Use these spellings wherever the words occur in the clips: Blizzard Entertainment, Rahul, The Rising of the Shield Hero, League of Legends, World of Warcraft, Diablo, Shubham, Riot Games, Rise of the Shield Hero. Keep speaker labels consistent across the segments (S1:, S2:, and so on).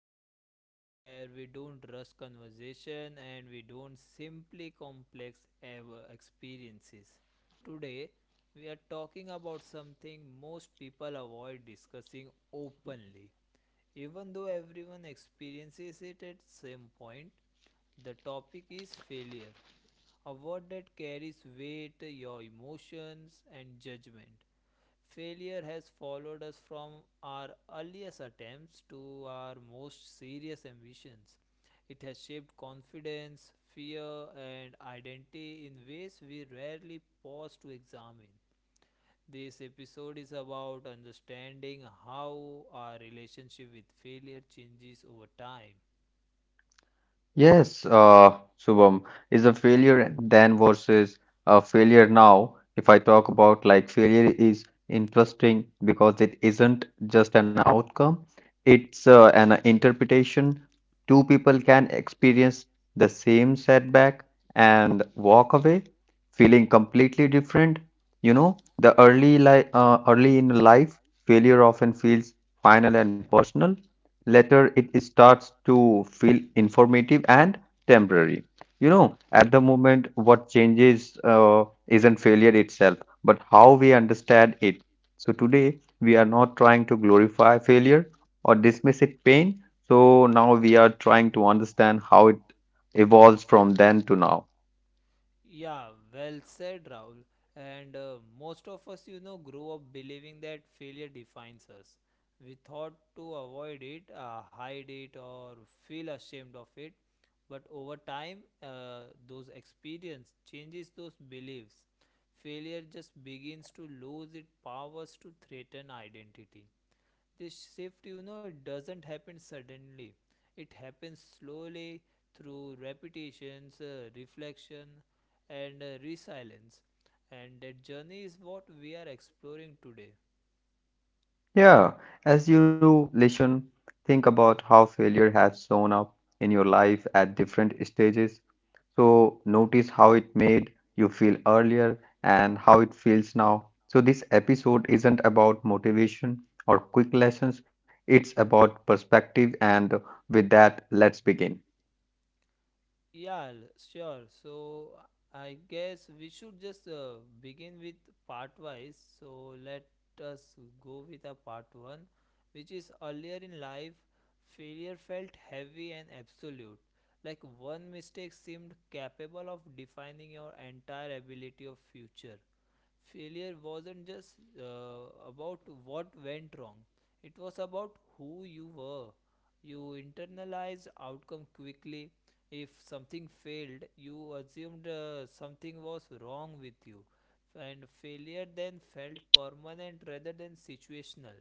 S1: to the space where we don't rush conversation and we don't simply complex ever experiences. Today, we are talking about something most people avoid discussing openly. Even though everyone experiences it at some point, the topic is failure, a word that carries weight, your emotions and judgment. Failure has followed us from our earliest attempts to our most serious ambitions. It has shaped confidence, fear, and identity in ways we rarely pause to examine. This episode is about understanding how our relationship with failure changes over time.
S2: Yes, Shubham, is a failure then versus a failure now. If I talk about, like, failure is interesting because it isn't just an outcome, it's an interpretation. Two people can experience the same setback and walk away feeling completely different. You know, the early li early in life, failure often feels final and personal. Later it starts to feel informative and temporary. You know, at the moment, what changes isn't failure itself, but how we understand it. So today, we are not trying to glorify failure or dismiss it pain. So now we are trying to understand how it evolves from then to now.
S1: Yeah, well said, Rahul. And most of us, grow up believing that failure defines us. We thought to avoid it, hide it, or feel ashamed of it. But over time, those experience changes those beliefs. Failure just begins to lose its powers to threaten identity. This shift, it doesn't happen suddenly. It happens slowly through repetitions, reflection, and resilience. And that journey is what we are exploring today.
S2: Yeah, as you listen, think about how failure has shown up in your life at different stages. So notice how it made you feel earlier and how it feels now. So this episode isn't about motivation or quick lessons, it's about perspective, and with that, let's begin.
S1: Yeah, sure. So I guess we should just begin with part wise. So let us go with a part one, which is earlier in life, failure felt heavy and absolute. Like one mistake seemed capable of defining your entire ability of future. Failure wasn't just about what went wrong; it was about who you were. You internalized outcome quickly. If something failed, you assumed something was wrong with you, and failure then felt permanent rather than situational.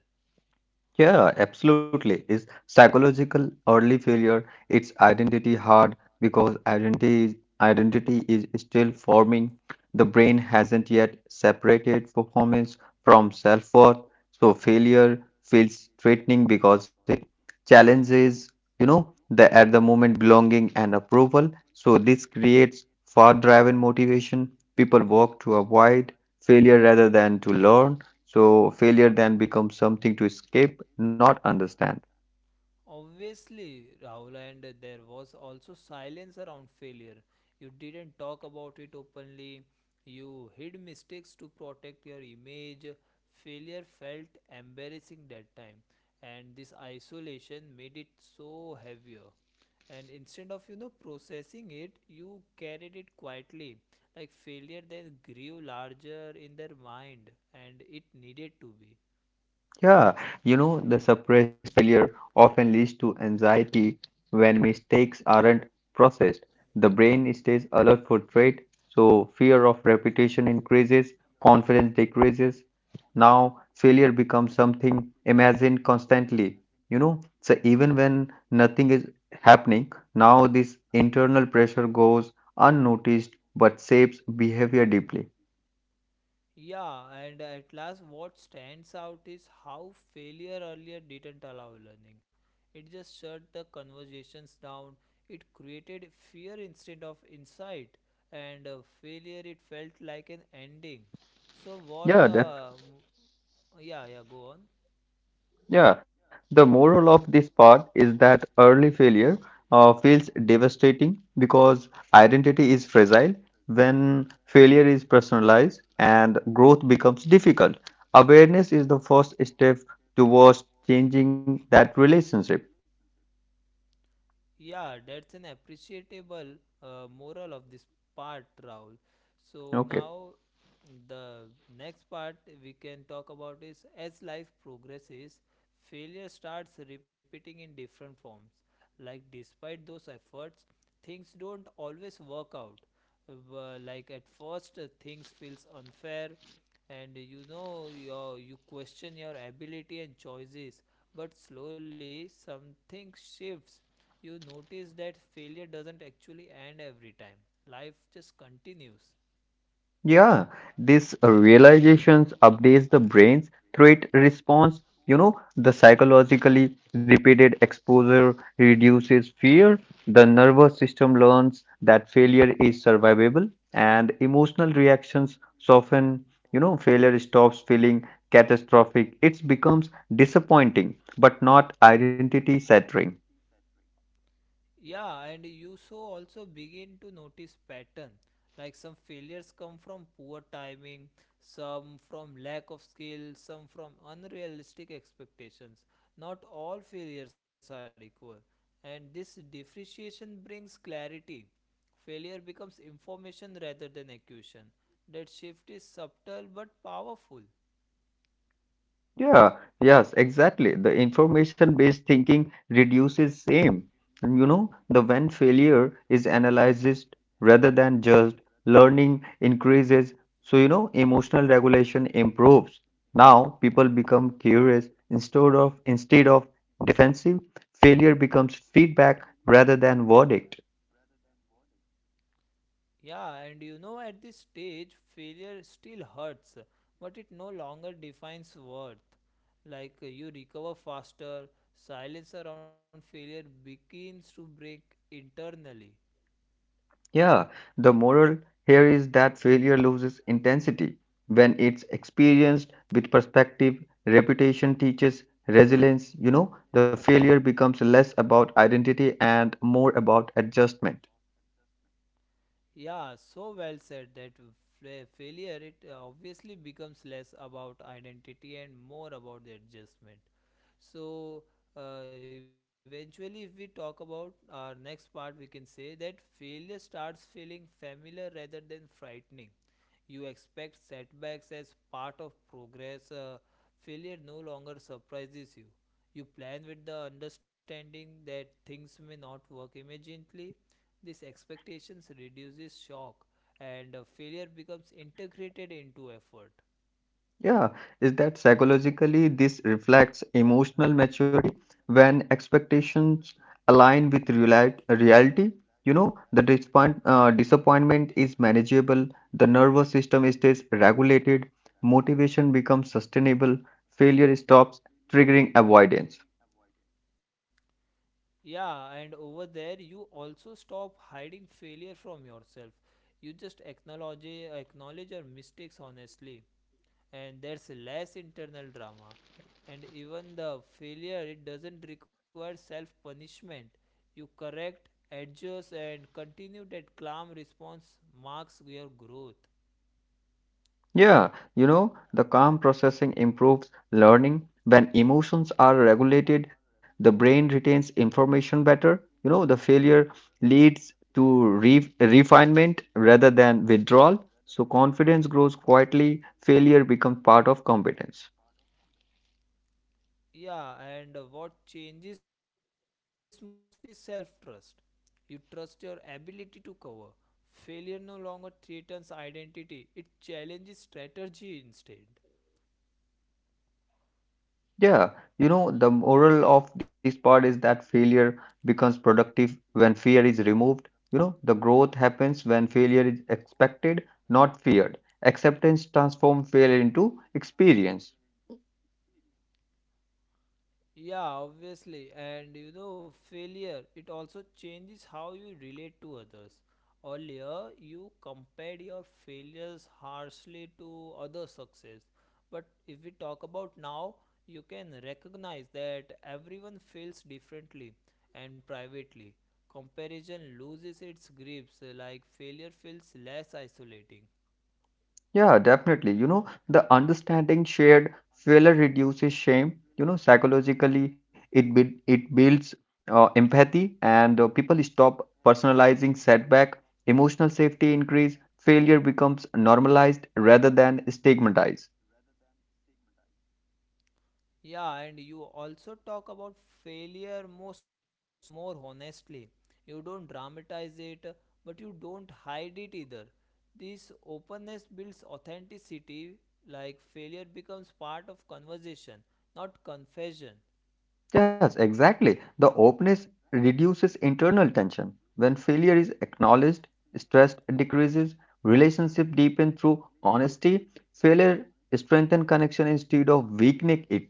S2: Yeah, absolutely. It's psychological early failure. It's identity hard because identity is still forming. The brain hasn't yet separated performance from self-worth. So failure feels threatening because it challenges, you know, the at the moment belonging and approval. So this creates far-driven motivation. People work to avoid failure rather than to learn. So failure then becomes something to escape, not understand.
S1: Obviously, Rahul, and there was also silence around failure. You didn't talk about it openly. You hid mistakes to protect your image. Failure felt embarrassing that time, and this isolation made it so heavier. And instead of processing it, you carried it quietly. Like failure then grew larger in their mind, and it needed to be.
S2: Yeah, you know, the suppressed failure often leads to anxiety when mistakes aren't processed. The brain stays alert for threat, so fear of repetition increases, confidence decreases. Now failure becomes something imagined constantly, you know. So even when nothing is happening, now this internal pressure goes unnoticed but shapes behavior deeply.
S1: Yeah, and at last, what stands out is how failure earlier didn't allow learning. It just shut the conversations down. It created fear instead of insight, and failure it felt like an ending. So what?
S2: Yeah, that,
S1: Yeah, yeah, go on.
S2: yeah. The moral of this part is that early failure feels devastating because identity is fragile when failure is personalized and growth becomes difficult. Awareness is the first step towards changing that relationship.
S1: Yeah, that's an appreciable moral of this part, Raul. So
S2: Okay.
S1: now the next part we can talk about is, as life progresses, failure starts repeating in different forms. Like despite those efforts, things don't always work out. Like at first things feels unfair, and you question your ability and choices, but slowly something shifts. You notice that failure doesn't actually end every time; life just continues.
S2: Yeah, this realizations updates the brain's threat response. You know, the psychologically repeated exposure reduces fear. The nervous system learns that failure is survivable, and emotional reactions soften. You know, failure stops feeling catastrophic. It becomes disappointing, but not identity shattering.
S1: Yeah, and you so also begin to notice pattern. Like some failures come from poor timing, some from lack of skill, some from unrealistic expectations. Not all failures are equal, and this differentiation brings clarity. Failure becomes information rather than accusation. That shift is subtle but powerful.
S2: Yeah, yes, exactly. The information-based thinking reduces shame. And you know, the when failure is analyzed rather than just learning increases. So, you know, emotional regulation improves. Now people become curious instead of defensive. Failure becomes feedback rather than verdict.
S1: Yeah, and at this stage, failure still hurts, but it no longer defines worth. Like you recover faster, silence around failure begins to break internally.
S2: Yeah, the moral here is that failure loses intensity when it's experienced with perspective. Reputation teaches resilience. You know, the failure becomes less about identity and more about adjustment.
S1: Yeah, so well said that failure, it obviously becomes less about identity and more about the adjustment. So, eventually, if we talk about our next part, we can say that failure starts feeling familiar rather than frightening. You expect setbacks as part of progress. Failure no longer surprises you. You plan with the understanding that things may not work immediately. This expectations reduces shock, and failure becomes integrated into effort.
S2: Yeah, is that psychologically this reflects emotional maturity? When expectations align with reality, you know, the disappoint, disappointment is manageable, the nervous system stays regulated, motivation becomes sustainable, failure stops triggering avoidance.
S1: Yeah, and over there, you also stop hiding failure from yourself. You just acknowledge your mistakes honestly, and there's less internal drama. And even the failure, it doesn't require self punishment. You correct, adjust, and continue that calm response marks your growth.
S2: Yeah, you know, the calm processing improves learning. When emotions are regulated, the brain retains information better. You know, the failure leads to re refinement rather than withdrawal. So confidence grows quietly, failure becomes part of competence.
S1: Yeah, and what changes most is self trust. You trust your ability to cover. Failure no longer threatens identity, it challenges strategy instead.
S2: Yeah, you know, the moral of this part is that failure becomes productive when fear is removed. You know, the growth happens when failure is expected, not feared. Acceptance transforms failure into experience.
S1: Yeah, obviously. And failure, it also changes how you relate to others. Earlier, you compared your failures harshly to other success. But if we talk about now, you can recognize that everyone feels differently and privately. Comparison loses its grips, like failure feels less isolating.
S2: Yeah, definitely. You know, the understanding shared failure reduces shame. You know, psychologically, it builds empathy, and people stop personalizing setback. Emotional safety increase. Failure becomes normalized rather than stigmatized.
S1: Yeah, and you also talk about failure most more honestly. You don't dramatize it, but you don't hide it either. This openness builds authenticity, like failure becomes part of conversation, not confession.
S2: Yes, exactly. The openness reduces internal tension. When failure is acknowledged, stress decreases. Relationship deepen through honesty. Failure strengthen connection instead of weakening it.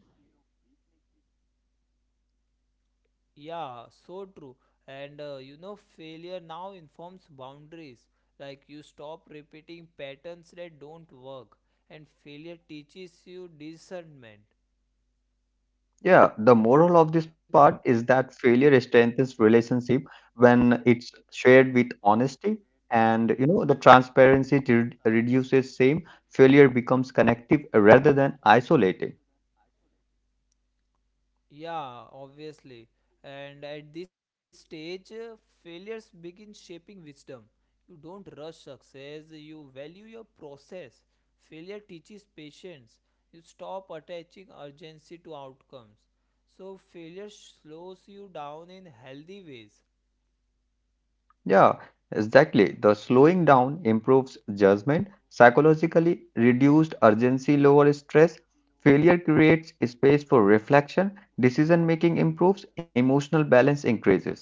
S1: Yeah, so true. And failure now informs boundaries. Like you stop repeating patterns that don't work, and failure teaches you discernment.
S2: Yeah, the moral of this part is that failure strengthens relationship when it's shared with honesty, and you know the transparency to reduces shame. Failure becomes connective rather than isolating.
S1: Yeah, obviously. And at this stage, failures begin shaping wisdom. You don't rush success, you value your process. Failure teaches patience. You stop attaching urgency to outcomes. So, failure slows you down in healthy ways.
S2: Yeah, exactly. The slowing down improves judgment, psychologically reduced urgency, lower stress. Failure creates space for reflection, decision making improves, emotional balance increases.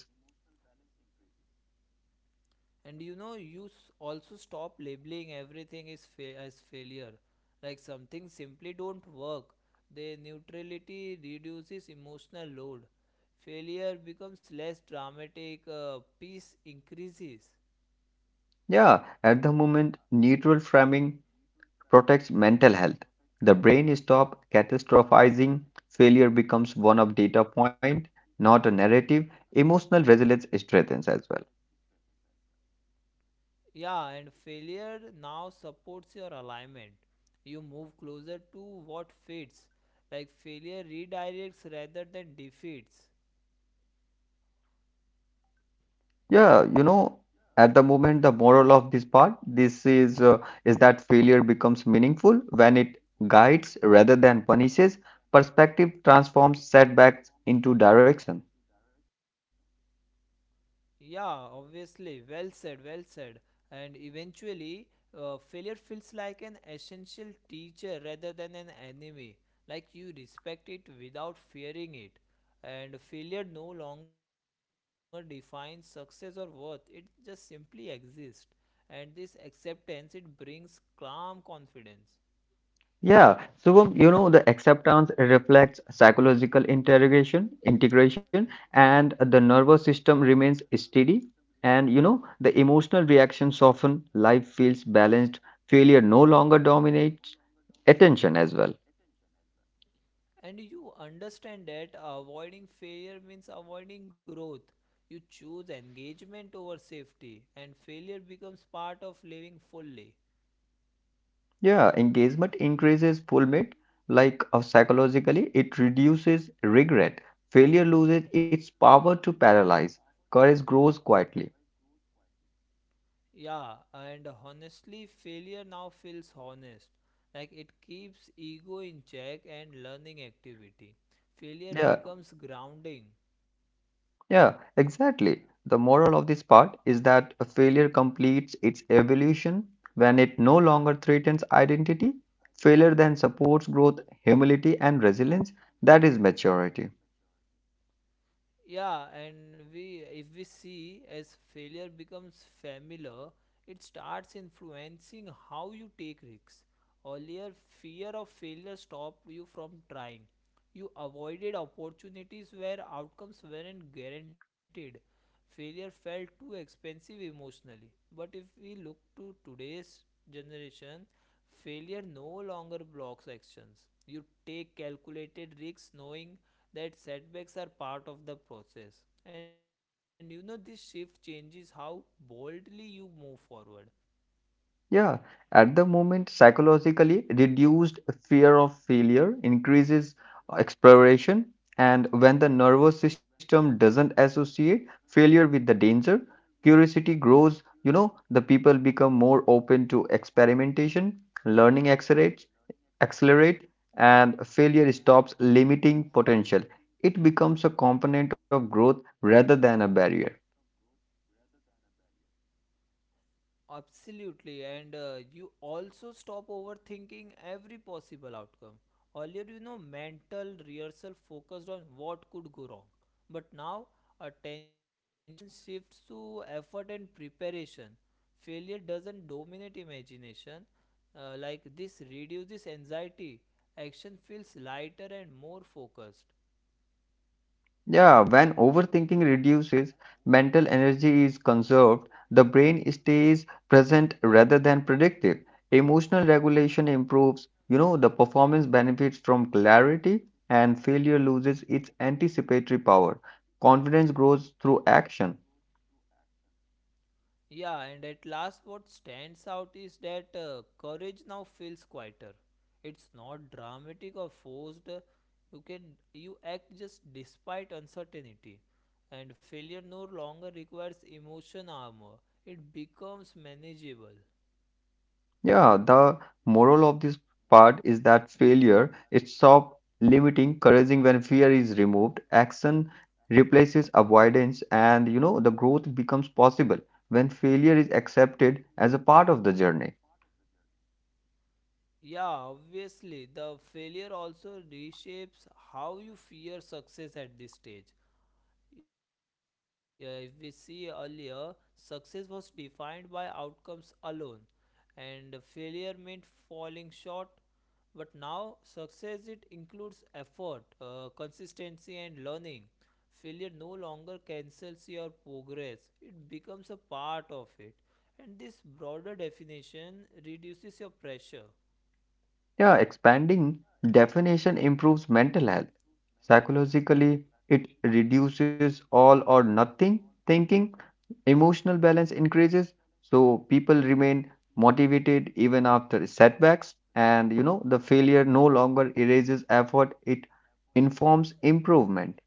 S1: And you also stop labeling everything is as failure. Like some things simply don't work. Their neutrality reduces emotional load. Failure becomes less dramatic, peace increases.
S2: Yeah, at the moment, neutral framing protects mental health. The brain stops catastrophizing. Failure becomes one of data point, not a narrative. Emotional resilience strengthens as well.
S1: Yeah, and failure now supports your alignment. You move closer to what fits. Like failure redirects rather than defeats.
S2: Yeah, you know, at the moment, the moral of this part, this is that failure becomes meaningful when it guides rather than punishes. Perspective transforms setbacks into direction.
S1: Yeah, obviously. Well said, well said. And eventually, failure feels like an essential teacher rather than an enemy. Like you respect it without fearing it. And failure no longer defines success or worth, it just simply exists. And this acceptance, it brings calm confidence.
S2: Yeah, so you know the acceptance reflects psychological interrogation, integration, and the nervous system remains steady. And you know the emotional reaction soften, life feels balanced, failure no longer dominates attention as well.
S1: And you understand that avoiding failure means avoiding growth. You choose engagement over safety, and failure becomes part of living fully.
S2: Yeah, engagement increases fulfillment, like psychologically, it reduces regret. Failure loses its power to paralyze. Courage grows quietly.
S1: Yeah, and honestly, failure now feels honest. Like it keeps ego in check and learning activity. Failure
S2: Yeah,
S1: becomes grounding.
S2: Yeah, exactly. The moral of this part is that a failure completes its evolution when it no longer threatens identity. Failure then supports growth, humility, and resilience. That is maturity.
S1: Yeah, and we if we see as failure becomes familiar, it starts influencing how you take risks. Earlier, fear of failure stopped you from trying. You avoided opportunities where outcomes weren't guaranteed. Failure felt too expensive emotionally. But if we look to today's generation, failure no longer blocks actions. You take calculated risks knowing that setbacks are part of the process. And this shift changes how boldly you move forward.
S2: Yeah, at the moment, psychologically, reduced fear of failure increases exploration, and when the nervous system doesn't associate failure with the danger, curiosity grows. You know, the people become more open to experimentation, learning accelerates, accelerate, and failure stops limiting potential. It becomes a component of growth rather than a barrier.
S1: Absolutely, and you also stop overthinking every possible outcome. Earlier, mental rehearsal focused on what could go wrong, but now attention shifts to effort and preparation. Failure doesn't dominate imagination, like this reduces anxiety. Action feels lighter and more focused.
S2: Yeah, when overthinking reduces, mental energy is conserved, the brain stays present rather than predictive. Emotional regulation improves, you know, the performance benefits from clarity, and failure loses its anticipatory power. Confidence grows through action.
S1: Yeah, and at last, what stands out is that courage now feels quieter. It's not dramatic or forced. You can you act just despite uncertainty, and failure no longer requires emotion armor. It becomes manageable.
S2: Yeah, the moral of this part is that failure is stop limiting, couraging when fear is removed. Action replaces avoidance, and you know, the growth becomes possible when failure is accepted as a part of the journey.
S1: Yeah, obviously, the failure also reshapes how you fear success at this stage. Yeah, if we see earlier, success was defined by outcomes alone, and failure meant falling short. But now, success it includes effort, consistency, and learning. Failure no longer cancels your progress; it becomes a part of it, and this broader definition reduces your pressure.
S2: Yeah, expanding definition improves mental health. Psychologically, it reduces all or nothing thinking. Emotional balance increases, so people remain motivated even after setbacks. And you know, the failure no longer erases effort, it informs improvement.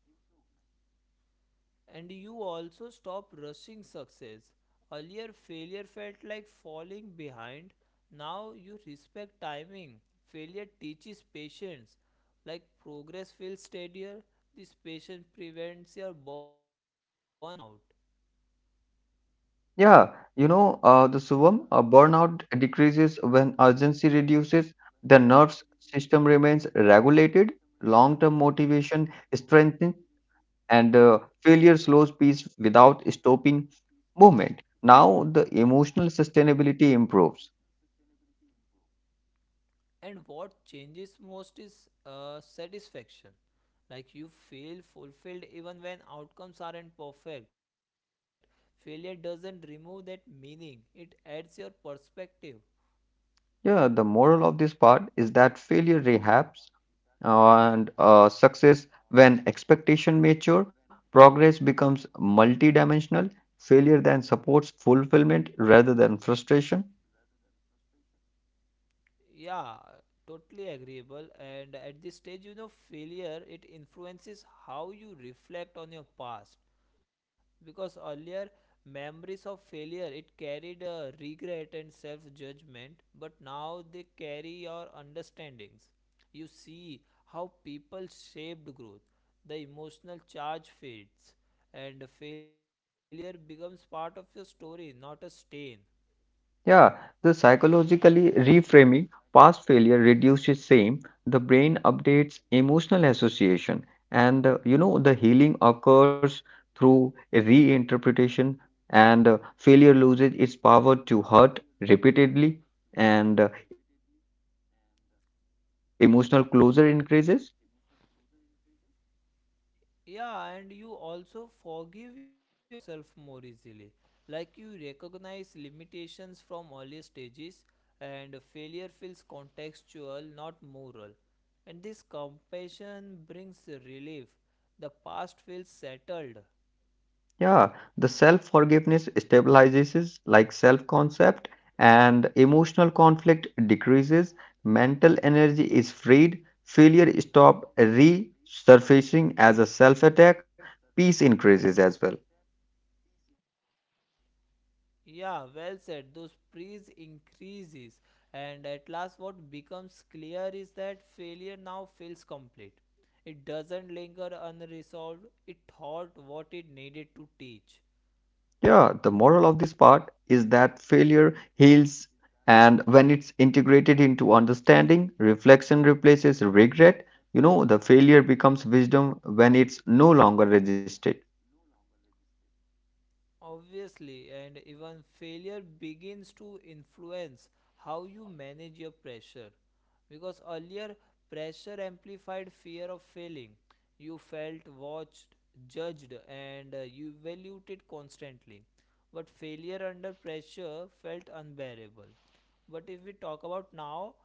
S1: And you also stop rushing success. Earlier, failure felt like falling behind. Now you respect timing. Failure teaches patience. Like progress feels steadier, this patience prevents your burnout.
S2: Yeah, you know, the Suvam, burnout decreases when urgency reduces, the nerves system remains regulated, long-term motivation strengthens, and failure slows peace without stopping movement. Now the emotional sustainability improves.
S1: And what changes most is satisfaction. Like you feel fulfilled even when outcomes aren't perfect. Failure doesn't remove that meaning, it adds your perspective.
S2: Yeah, the moral of this part is that failure rehabs and success, when expectation mature, progress becomes multidimensional. Failure then supports fulfillment rather than frustration.
S1: Yeah, totally agreeable. And at this stage, failure it influences how you reflect on your past, because earlier memories of failure it carried regret and self judgment, but now they carry your understandings. You see how people shaped growth. The emotional charge fades, and failure becomes part of your story, not a stain.
S2: Yeah, the psychologically reframing past failure reduces shame. The brain updates emotional association, and you know the healing occurs through a reinterpretation. And failure loses its power to hurt repeatedly, and emotional closure increases.
S1: Yeah, and you also forgive yourself more easily. Like you recognize limitations from earlier stages, and failure feels contextual, not moral. And this compassion brings relief. The past feels settled.
S2: Yeah, the self-forgiveness stabilizes like self-concept and emotional conflict decreases, mental energy is freed, failure stop resurfacing as a self-attack, peace increases as well.
S1: Yeah, well said. Those praise increases, and at last, what becomes clear is that failure now feels complete. It doesn't linger unresolved. It taught what it needed to teach.
S2: Yeah, the moral of this part is that failure heals, and when it's integrated into understanding, reflection replaces regret. You know, the failure becomes wisdom when it's no longer resisted.
S1: Obviously, and even failure begins to influence how you manage your pressure. Because earlier, pressure amplified fear of failing. You felt watched, judged, and you evaluated constantly. But failure under pressure felt unbearable. But if we talk about now,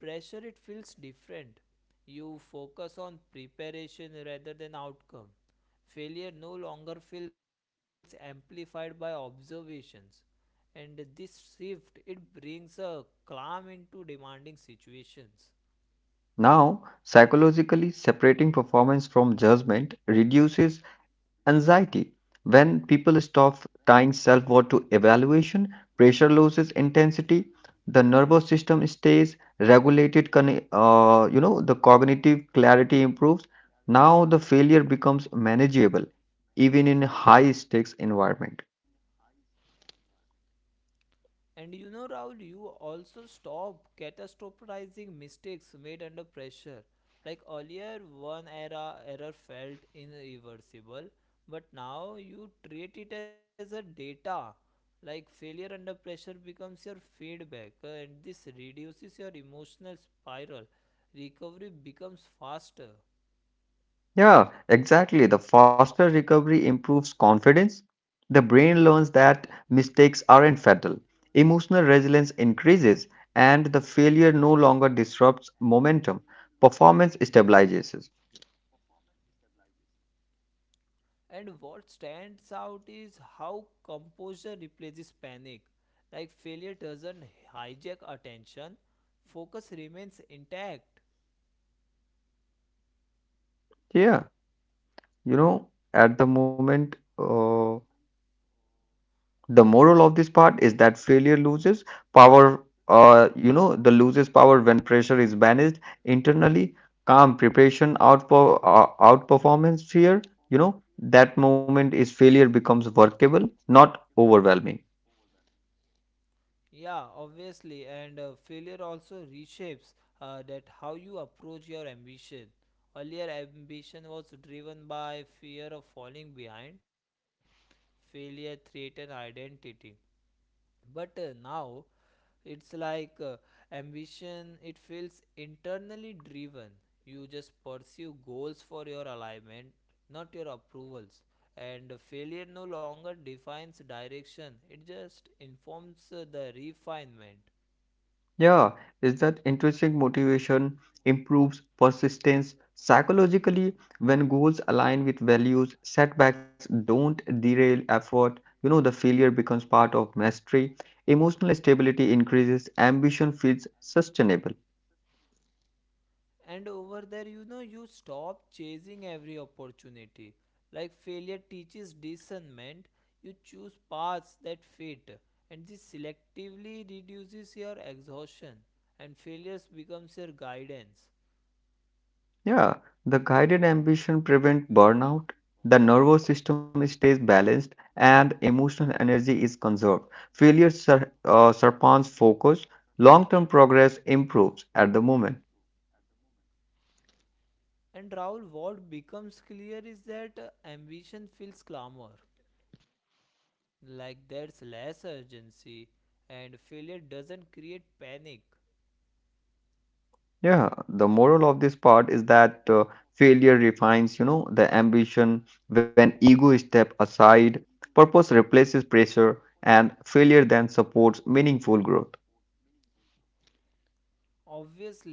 S1: pressure it feels different. You focus on preparation rather than outcome. Failure no longer feels amplified by observations, and this shift it brings a calm into demanding situations.
S2: Now, psychologically separating performance from judgment reduces anxiety. When people stop tying self worth to evaluation, pressure loses intensity, the nervous system stays regulated, you know, the cognitive clarity improves. Now, the failure becomes manageable, even in high stakes environment.
S1: And Rahul, you also stop catastrophizing mistakes made under pressure. Like earlier, one era error felt irreversible, but now you treat it as a data. Like failure under pressure becomes your feedback, and this reduces your emotional spiral. Recovery becomes faster.
S2: Yeah, exactly. The faster recovery improves confidence. The brain learns that mistakes aren't fatal. Emotional resilience increases, and the failure no longer disrupts momentum. Performance stabilizes.
S1: And what stands out is how composure replaces panic. Like failure doesn't hijack attention, focus remains intact.
S2: Yeah, you know, at the moment, the moral of this part is that failure loses power, you know, the loses power when pressure is managed internally, calm preparation outperformance fear, you know, that moment is failure becomes workable, not overwhelming.
S1: Yeah, obviously, and failure also reshapes that how you approach your ambition. Earlier, ambition was driven by fear of falling behind. Failure threatened identity. But now it's like ambition it feels internally driven. You just pursue goals for your alignment, not your approvals, and failure no longer defines direction. It just informs the refinement.
S2: Yeah, is that intrinsic motivation improves persistence psychologically when goals align with values, setbacks don't derail effort. You know, the failure becomes part of mastery. Emotional stability increases, ambition feels sustainable.
S1: And over there, you stop chasing every opportunity. Like failure teaches discernment, you choose paths that fit, and this selectively reduces your exhaustion, and failures becomes your guidance.
S2: Yeah, the guided ambition prevents burnout. The nervous system stays balanced and emotional energy is conserved. Failure surpasses focus. Long-term progress improves at the moment.
S1: And Rahul, what becomes clear is that ambition feels calmer, like there's less urgency, and failure doesn't create panic.
S2: Yeah, the moral of this part is that failure refines, you know, the ambition when ego step aside, purpose replaces pressure, and failure then supports meaningful growth.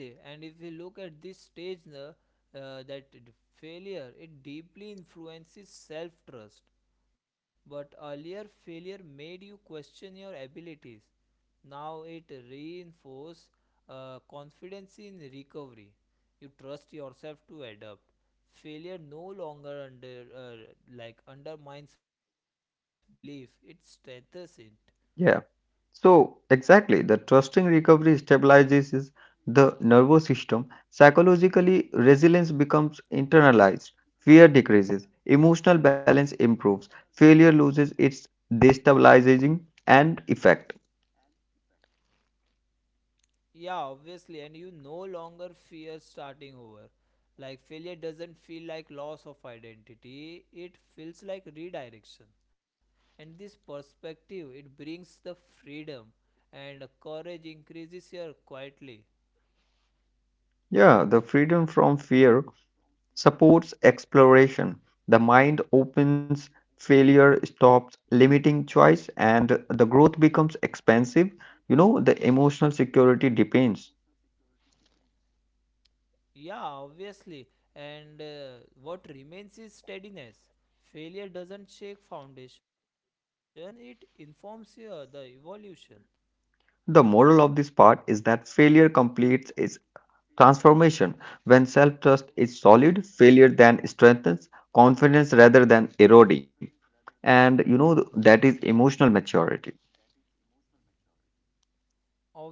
S1: Obviously, and if we look at this stage, failure it deeply influences self trust. But earlier, failure made you question your abilities. Now it reinforces confidence in recovery. You trust yourself to adapt. Failure no longer undermines belief; it strengthens it.
S2: Yeah. So exactly, the trusting recovery stabilizes the nervous system. Psychologically, resilience becomes internalized, fear decreases, emotional balance improves, failure loses its destabilizing and effect.
S1: Yeah, obviously, and you no longer fear starting over. Like failure doesn't feel like loss of identity, it feels like redirection. And this perspective, it brings the freedom and courage increases here quietly.
S2: Yeah, the freedom from fear supports exploration. The mind opens, failure stops limiting choice, and the growth becomes expansive. You know, the emotional security depends.
S1: Yeah, obviously, and what remains is steadiness. Failure doesn't shake foundation, it informs here the evolution.
S2: The moral of this part is that failure completes its transformation. When self trust is solid, failure then strengthens confidence rather than eroding. And you know, that is emotional maturity.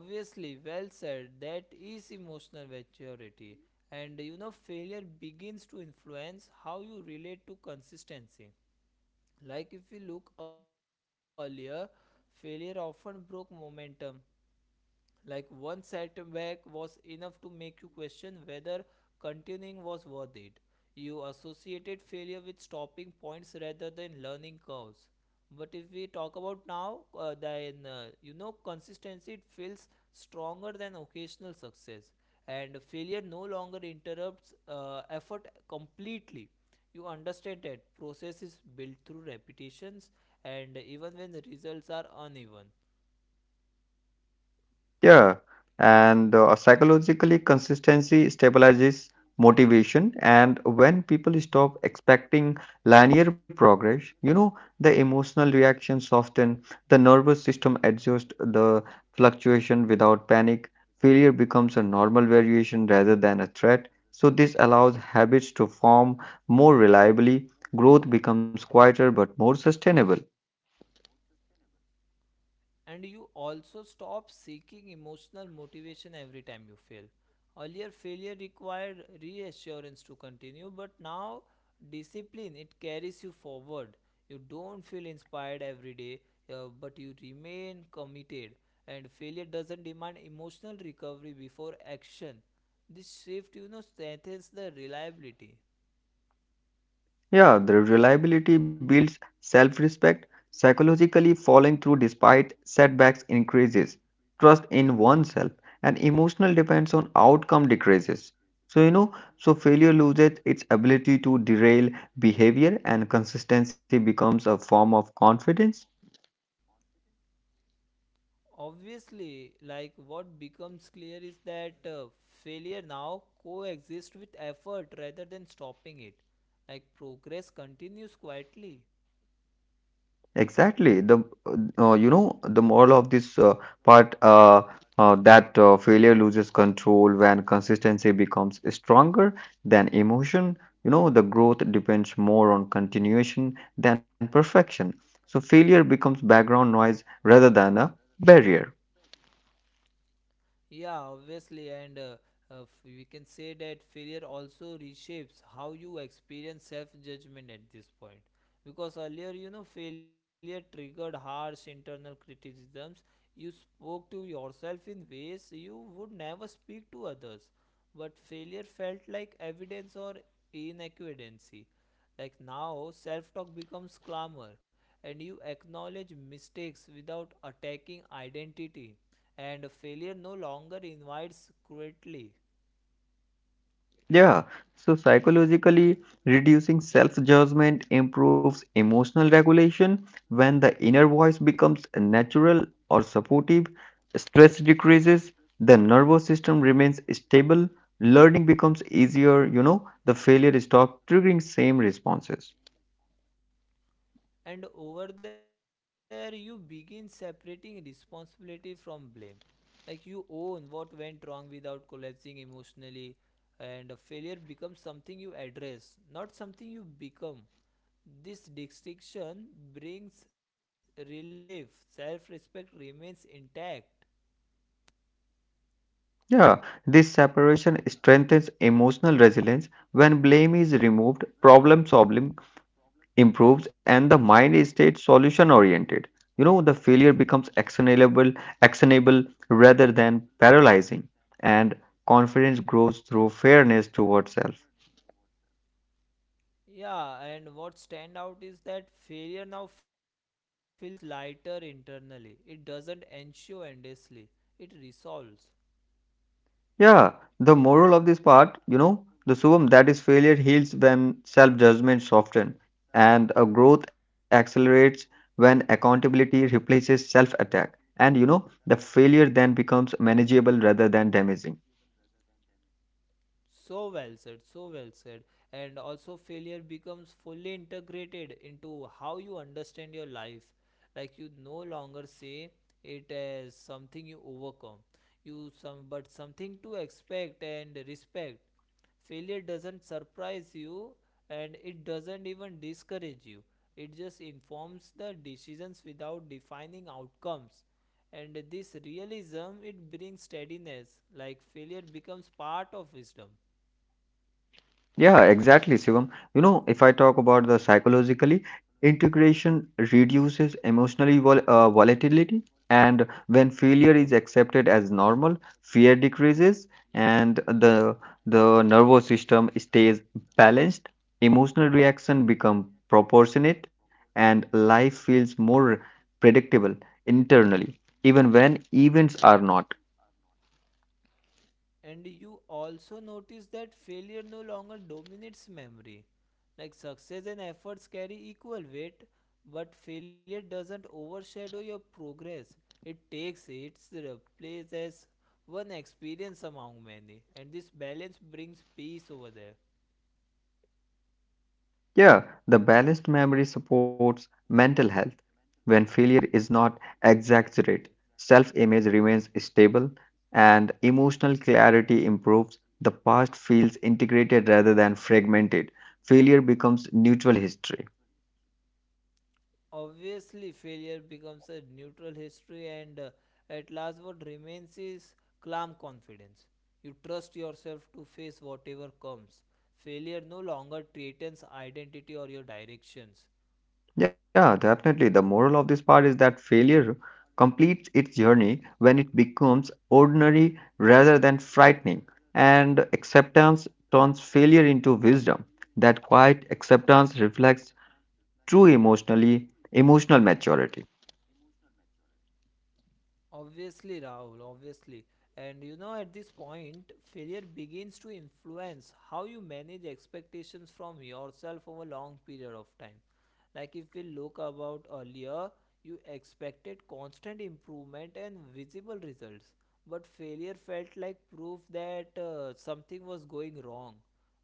S1: Obviously, well said. That is emotional maturity. And you know, failure begins to influence how you relate to consistency. Like if we look earlier, failure often broke momentum. Like one setback was enough to make you question whether continuing was worth it. You associated failure with stopping points rather than learning curves. But if we talk about now, then you know consistency it feels stronger than occasional success, and failure no longer interrupts effort completely. You understand that process is built through repetitions, and even when the results are uneven
S2: Yeah, and psychologically, consistency stabilizes motivation. And when people stop expecting linear progress, you know, the emotional reaction soften, the nervous system adjusts the fluctuation without panic. Failure becomes a normal variation rather than a threat. So this allows habits to form more reliably. Growth becomes quieter but more sustainable.
S1: and you also stop seeking emotional motivation every time you fail. Earlier, failure required reassurance to continue, but now discipline it carries you forward. You don't feel inspired every day, but you remain committed. And failure doesn't demand emotional recovery before action. This shift, you know, strengthens the reliability.
S2: Yeah, the reliability builds self respect. Psychologically, following through despite setbacks increases. Trust in oneself and emotional depends on outcome decreases. So, you know, so failure loses its ability to derail behavior and consistency becomes a form of confidence.
S1: Obviously, like what becomes clear is that failure now coexists with effort rather than stopping it. Like progress continues quietly.
S2: Exactly. The You know, the moral of this part, that failure loses control when consistency becomes stronger than emotion. You know the growth depends more on continuation than perfection. So failure becomes background noise rather than a barrier.
S1: Yeah, obviously, and we can say that failure also reshapes how you experience self judgment at this point. Because earlier, you know, failure triggered harsh internal criticisms. You spoke to yourself in ways you would never speak to others. But failure felt like evidence or inaccuracy. Like now, self talk becomes clamor, and you acknowledge mistakes without attacking identity. And failure no longer invites cruelty.
S2: Yeah, so psychologically, reducing self-judgment improves emotional regulation. When the inner voice becomes natural or supportive, stress decreases, the nervous system remains stable, learning becomes easier, you know, the failure stops triggering same responses.
S1: And over there, you begin separating responsibility from blame. Like you own what went wrong without collapsing emotionally, and a failure becomes something you address, not something you become. This distinction brings relief, self respect remains intact.
S2: Yeah, this separation strengthens emotional resilience. When blame is removed, problem solving improves and the mind is state solution oriented, you know, the failure becomes actionable rather than paralyzing, and confidence grows through fairness towards self.
S1: Yeah, and what stand out is that failure now feels lighter internally. It doesn't ensue endlessly. It resolves.
S2: Yeah, the moral of this part, you know, the sum that is failure heals when self judgment softens, and a growth accelerates when accountability replaces self attack, and you know, the failure then becomes manageable rather than damaging.
S1: So well said, so well said. And also failure becomes fully integrated into how you understand your life. Like you no longer say it as something you overcome. You some but something to expect and respect. Failure doesn't surprise you, and it doesn't even discourage you, it just informs the decisions without defining outcomes, and this realism it brings steadiness, like failure becomes part of wisdom.
S2: Yeah, exactly, Shivam. You know, if I talk about the psychologically, integration reduces emotionally volatility, and when failure is accepted as normal, fear decreases, and the nervous system stays balanced. Emotional reaction become proportionate, and life feels more predictable internally, even when events are not.
S1: And you also notice that failure no longer dominates memory. Like success and efforts carry equal weight, but failure doesn't overshadow your progress. It takes its place as one experience among many, and this balance brings peace over there.
S2: Yeah, the balanced memory supports mental health. When failure is not exaggerated, self image remains stable and emotional clarity improves. The past feels integrated rather than fragmented. Failure becomes neutral history.
S1: Obviously, failure becomes a neutral history, and at last what remains is calm confidence. You trust yourself to face whatever comes, failure no longer threatens identity or your directions.
S2: Yeah, definitely. The moral of this part is that failure completes its journey when it becomes ordinary rather than frightening, and acceptance turns failure into wisdom. That quiet acceptance reflects true emotional maturity.
S1: Obviously, Rahul, obviously. And you know, at this point, failure begins to influence how you manage expectations from yourself over a long period of time. Like if we look about earlier, you expected constant improvement and visible results, but failure felt like proof that something was going wrong,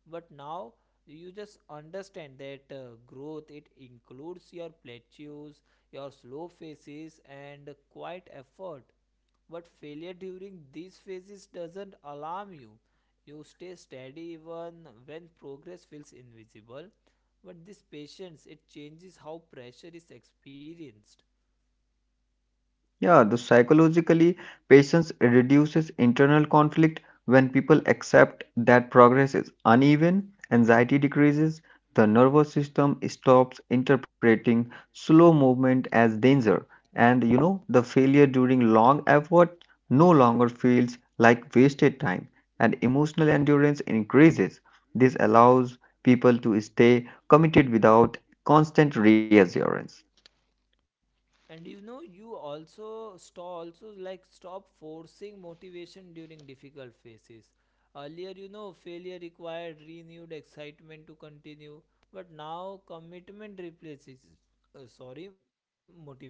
S1: but now you just understand that growth it includes your plateaus, your slow phases and quiet effort, but failure during these phases doesn't alarm you. You stay steady even when progress feels invisible, but this patience it changes how pressure is experienced.
S2: Yeah, the psychologically, patience reduces internal conflict. When people accept that progress is uneven, anxiety decreases, the nervous system stops interpreting slow movement as danger, and you know, the failure during long effort no longer feels like wasted time, and emotional endurance increases. This allows people to stay committed without constant reassurance.
S1: And you know, you also stop, also like stop forcing motivation during difficult phases. Earlier, you know, failure required renewed excitement to continue, but now commitment replaces, sorry, motivation.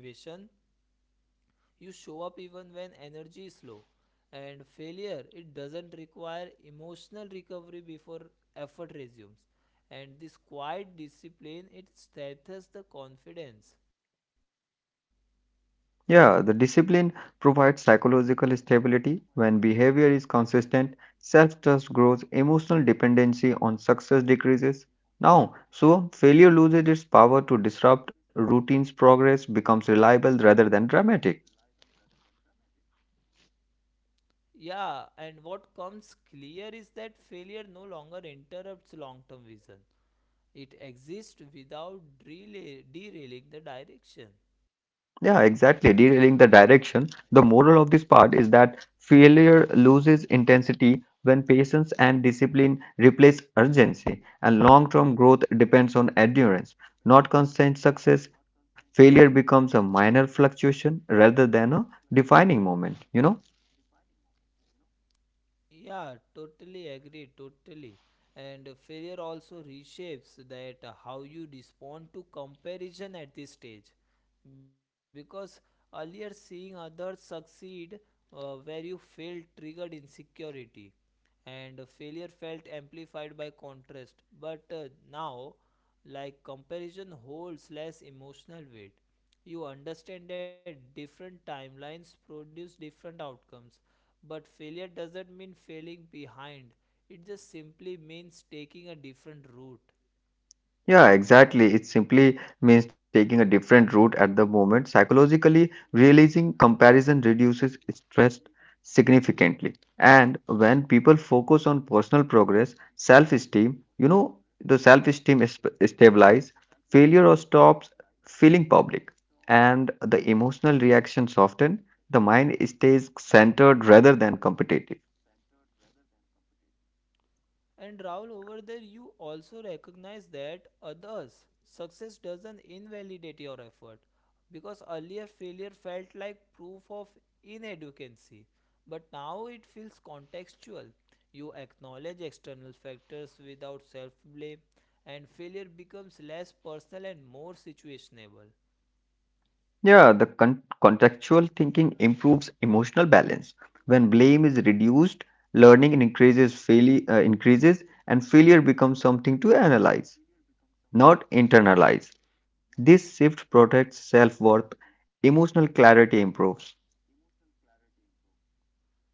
S1: You show up even when energy is low, and failure it doesn't require emotional recovery before effort resumes. And this quiet discipline it strengthens the confidence.
S2: Yeah, the discipline provides psychological stability. When behavior is consistent, self trust grows, emotional dependency on success decreases. Now, so failure loses its power to disrupt routine's progress becomes reliable rather than dramatic.
S1: Yeah, and what comes clear is that failure no longer interrupts long term vision. It exists without delay, derailing the direction.
S2: Yeah, exactly. Derailing the direction. The moral of this part is that failure loses intensity when patience and discipline replace urgency, and long term growth depends on endurance, not constant success. Failure becomes a minor fluctuation rather than a defining moment, you know?
S1: Yeah, totally agree, totally. And failure also reshapes that how you respond to comparison at this stage. Because earlier seeing others succeed where you failed triggered insecurity, and failure felt amplified by contrast. But now, like comparison holds less emotional weight. You understand that different timelines produce different outcomes, but failure doesn't mean failing behind, it just simply means taking a different route.
S2: Yeah, exactly. It simply means taking a different route at the moment. Psychologically, realizing comparison reduces stress significantly. And when people focus on personal progress, self-esteem, you know, the self-esteem is stabilize, failure or stops feeling public, and the emotional reaction soften. The mind stays centered rather than competitive.
S1: And Rahul, over there, you also recognize that others' success doesn't invalidate your effort, because earlier failure felt like proof of inadequacy, but now it feels contextual. You acknowledge external factors without self blame, and failure becomes less personal and more situationable.
S2: Yeah, the contextual thinking improves emotional balance. When blame is reduced, learning increases, increases, and failure becomes something to analyze, not internalize. This shift protects self worth. Emotional clarity improves.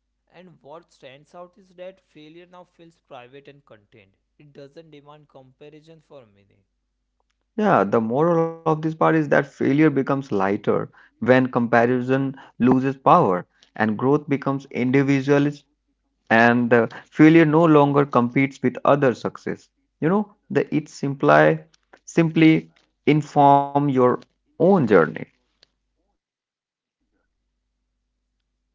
S1: And what stands out is that failure now feels private and contained, it doesn't demand comparison for meaning.
S2: Yeah, the moral of this part is that failure becomes lighter when comparison loses power and growth becomes individual, and failure no longer competes with other success. You know, the it imply simply inform your own journey.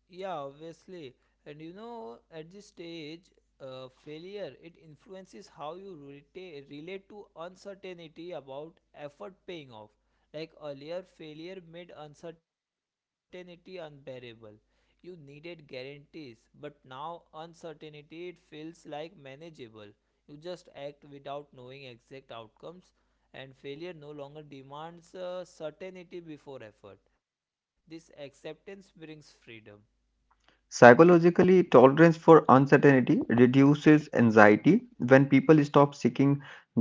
S1: Yeah, obviously. And you know, at this stage, failure it influences how you relate to uncertainty about effort paying off. Like earlier, failure made uncertainty unbearable. You needed guarantees, but now uncertainty it feels like manageable. You just act without knowing exact outcomes, and failure no longer demands certainty before effort. This acceptance brings freedom.
S2: Psychologically, tolerance for uncertainty reduces anxiety. When people stop seeking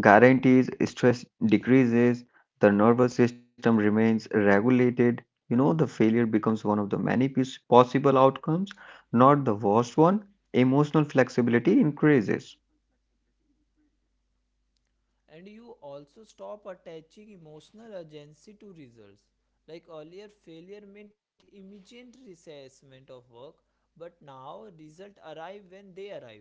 S2: guarantees, stress decreases, the nervous system remains regulated. You know, the failure becomes one of the many possible outcomes, not the worst one. Emotional flexibility increases.
S1: And you also stop attaching emotional urgency to results. Like earlier, failure meant immediate reassessment of work, but now results arrive when they arrive.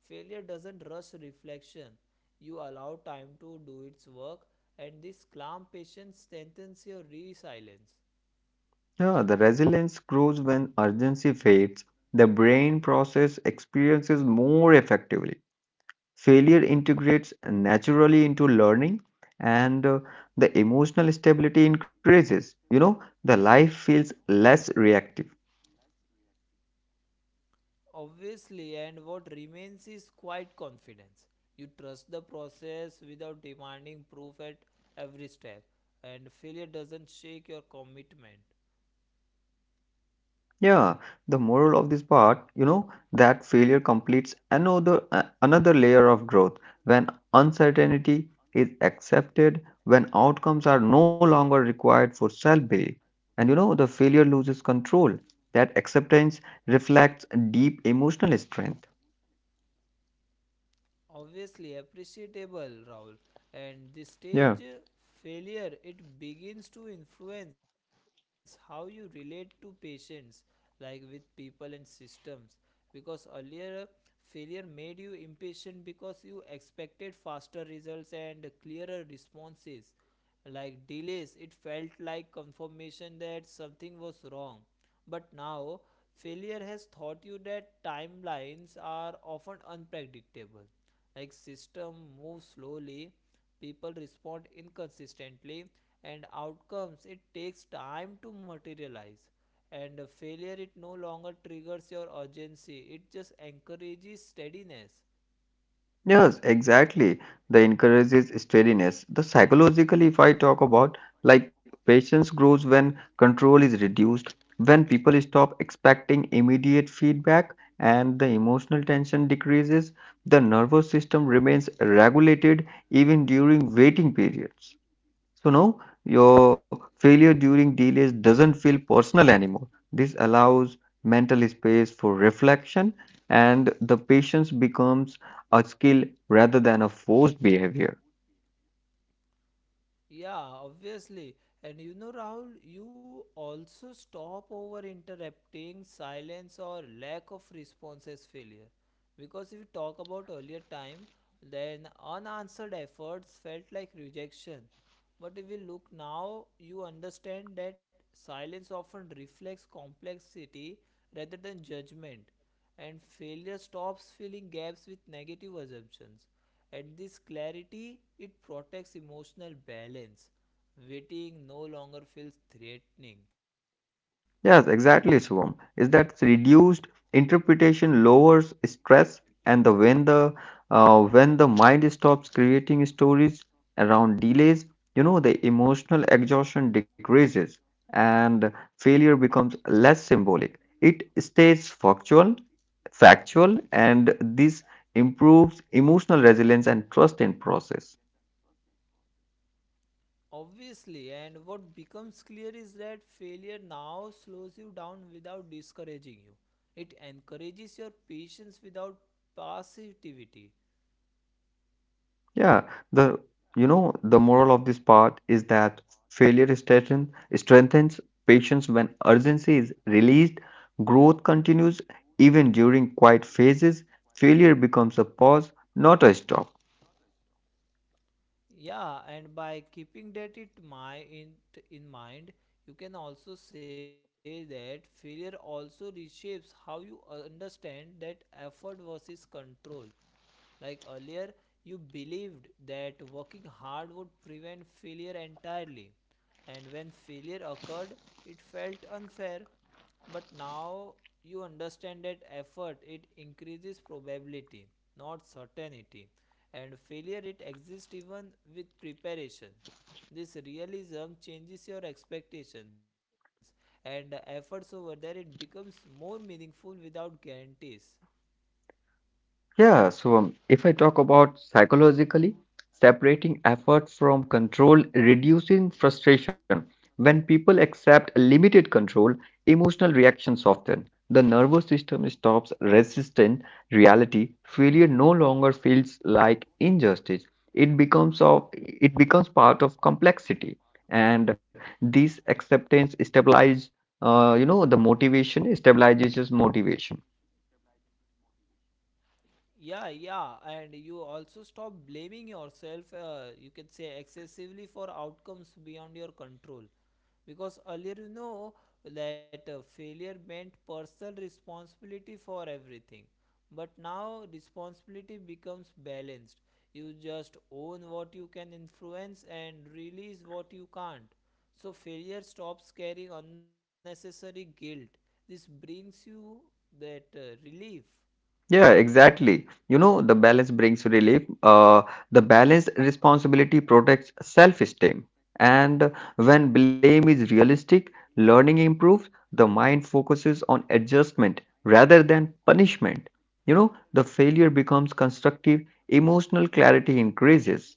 S1: Failure doesn't rush reflection. You allow time to do its work, and this calm patience strengthens your resilience.
S2: Yeah, the resilience grows when urgency fades. The brain process experiences more effectively. Failure integrates naturally into learning, and the emotional stability increases. You know, the life feels less reactive.
S1: Obviously, and what remains is quiet confidence. You trust the process without demanding proof at every step, and failure doesn't shake your commitment.
S2: Yeah, the moral of this part, you know, that failure completes another another layer of growth when uncertainty is accepted, when outcomes are no longer required for self-belief. And you know, the failure loses control. That acceptance reflects deep emotional strength.
S1: Obviously, appreciable Rahul. And the
S2: Yeah.
S1: stage failure it begins to influence how you relate to patients, like with people and systems, because earlier failure made you impatient because you expected faster results and clearer responses, like delays it felt like confirmation that something was wrong. But now failure has taught you that timelines are often unpredictable, like system moves slowly, people respond inconsistently, and outcomes it takes time to materialize, and failure it no longer triggers your urgency, it just encourages steadiness.
S2: Yes, exactly. The encourages steadiness. The psychologically, if I talk about, like patience grows when control is reduced, when people stop expecting immediate feedback, and the emotional tension decreases. The nervous system remains regulated even during waiting periods. So now your failure during delays doesn't feel personal anymore. This allows mental space for reflection, and the patience becomes a skill rather than a forced behavior.
S1: Yeah, obviously, and you know Rahul, you also stop over interrupting silence or lack of response as failure, because if we talk about earlier time, then unanswered efforts felt like rejection. But if we look now, you understand that silence often reflects complexity rather than judgment, and failure stops filling gaps with negative assumptions. At this clarity, it protects emotional balance. Waiting no longer feels threatening.
S2: Yes, exactly, Shivam. Is that reduced interpretation lowers stress, and the when the when the mind stops creating stories around delays, you know, the emotional exhaustion decreases, and failure becomes less symbolic. It stays factual, and this improves emotional resilience and trust in process.
S1: Obviously, and what becomes clear is that failure now slows you down without discouraging you. It encourages your patience without passivity.
S2: Yeah, the you know the moral of this part is that failure strengthens patience when urgency is released, growth continues even during quiet phases. Failure becomes a pause, not a stop.
S1: Yeah, and by keeping that in mind, you can also say that failure also reshapes how you understand that effort versus control. Like earlier, you believed that working hard would prevent failure entirely. And when failure occurred, it felt unfair. But now you understand that effort it increases probability, not certainty. And failure it exists even with preparation. This realism changes your expectations, and the efforts over there it becomes more meaningful without guarantees.
S2: Yeah, so if I talk about psychologically, separating effort from control reducing frustration. When people accept limited control, emotional reactions soften. The nervous system stops resisting reality. Failure no longer feels like injustice. It becomes part of complexity, and this acceptance stabilizes, you know, the motivation stabilizes motivation.
S1: Yeah, yeah, and you also stop blaming yourself, you can say excessively, for outcomes beyond your control, because earlier you know that failure meant personal responsibility for everything, but now responsibility becomes balanced. You just own what you can influence and release what you can't, so failure stops carrying unnecessary guilt. This brings you that relief.
S2: Yeah, exactly. You know, the balance brings relief. The balanced responsibility protects self-esteem. And when blame is realistic, learning improves. The mind focuses on adjustment rather than punishment. You know, the failure becomes constructive, emotional clarity increases.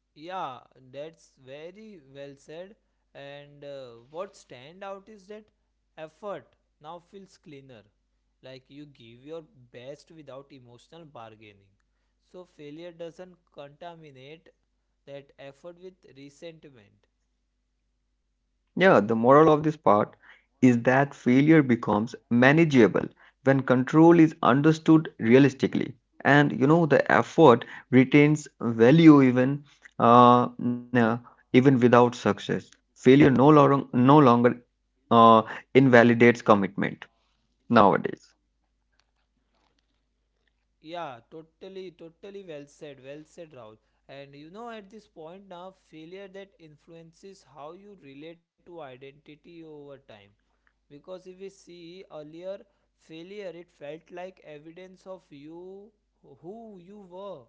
S1: Yeah, that's very well said. And what stand out is that effort now feels cleaner. Like you give your best without emotional bargaining. So failure doesn't contaminate that effort with resentment.
S2: Yeah, the moral of this part is that failure becomes manageable when control is understood realistically. And you know, the effort retains value uh, uh, even without success. Failure no longer uh, invalidates commitment nowadays.
S1: Yeah, totally, totally well said, Rahul. And you know, at this point now, failure that influences how you relate to identity over time, because if we see earlier failure it felt like evidence of you, who you were,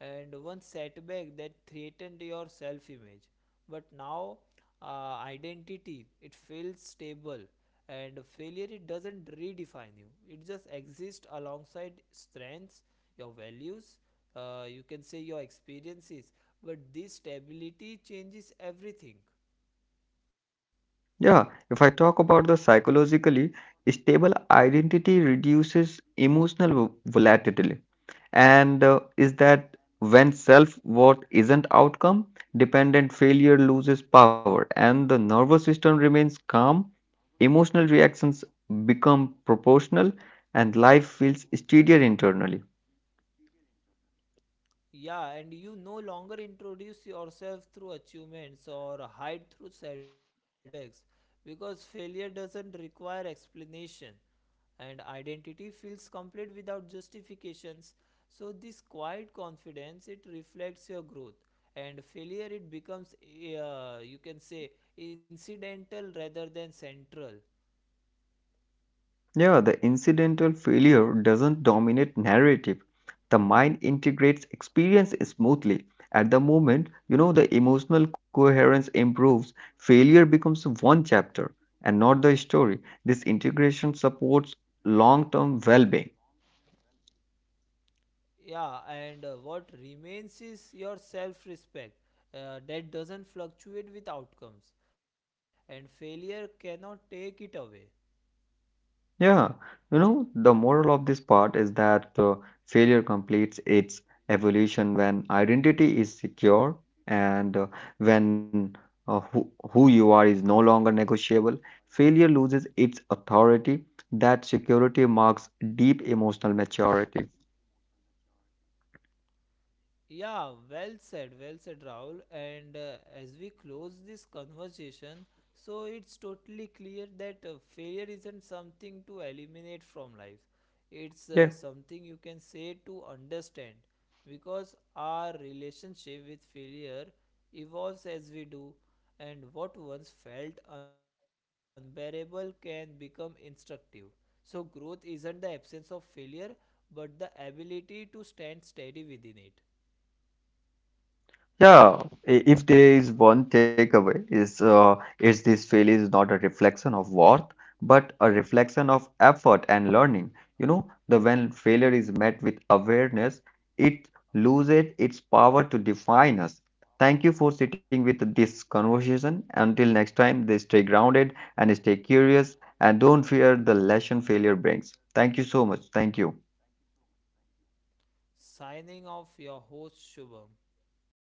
S1: and one setback that threatened your self image. But now identity it feels stable, and failure it doesn't redefine you, it just exists alongside strengths, your values, you can say your experiences, but this stability changes everything.
S2: Yeah, if I talk about the psychologically, stable identity reduces emotional volatility, and is that when self-worth isn't outcome dependent, failure loses power, and the nervous system remains calm, emotional reactions become proportional, and life feels steadier internally.
S1: Yeah, and you no longer introduce yourself through achievements or hide through setbacks because failure doesn't require explanation and identity feels complete without justifications. So this quiet confidence it reflects your growth, and failure it becomes you can say incidental rather than central.
S2: Yeah, the incidental failure doesn't dominate narrative. The mind integrates experience smoothly. At the moment, you know, the emotional coherence improves. Failure becomes one chapter and not the story. This integration supports long term well being.
S1: Yeah, and what remains is your self respect, that doesn't fluctuate with outcomes, and failure cannot take it away.
S2: Yeah, you know, the moral of this part is that failure completes its evolution when identity is secure, and when who you are is no longer negotiable. Failure loses its authority. That security marks deep emotional maturity.
S1: Yeah, well said, Rahul. And as we close this conversation, so it's totally clear that failure isn't something to eliminate from life, it's
S2: Yeah.
S1: something you can say to understand, because our relationship with failure evolves as we do, and what once felt unbearable can become instructive. So, growth isn't the absence of failure but the ability to stand steady within it.
S2: Yeah, if there is one takeaway is this failure is not a reflection of worth, but a reflection of effort and learning. You know, the when failure is met with awareness, it loses its power to define us. Thank you for sitting with this conversation. Until next time, they stay grounded and stay curious and don't fear the lesson failure brings. Thank you so much. Thank you.
S1: Signing off, your host Shubham.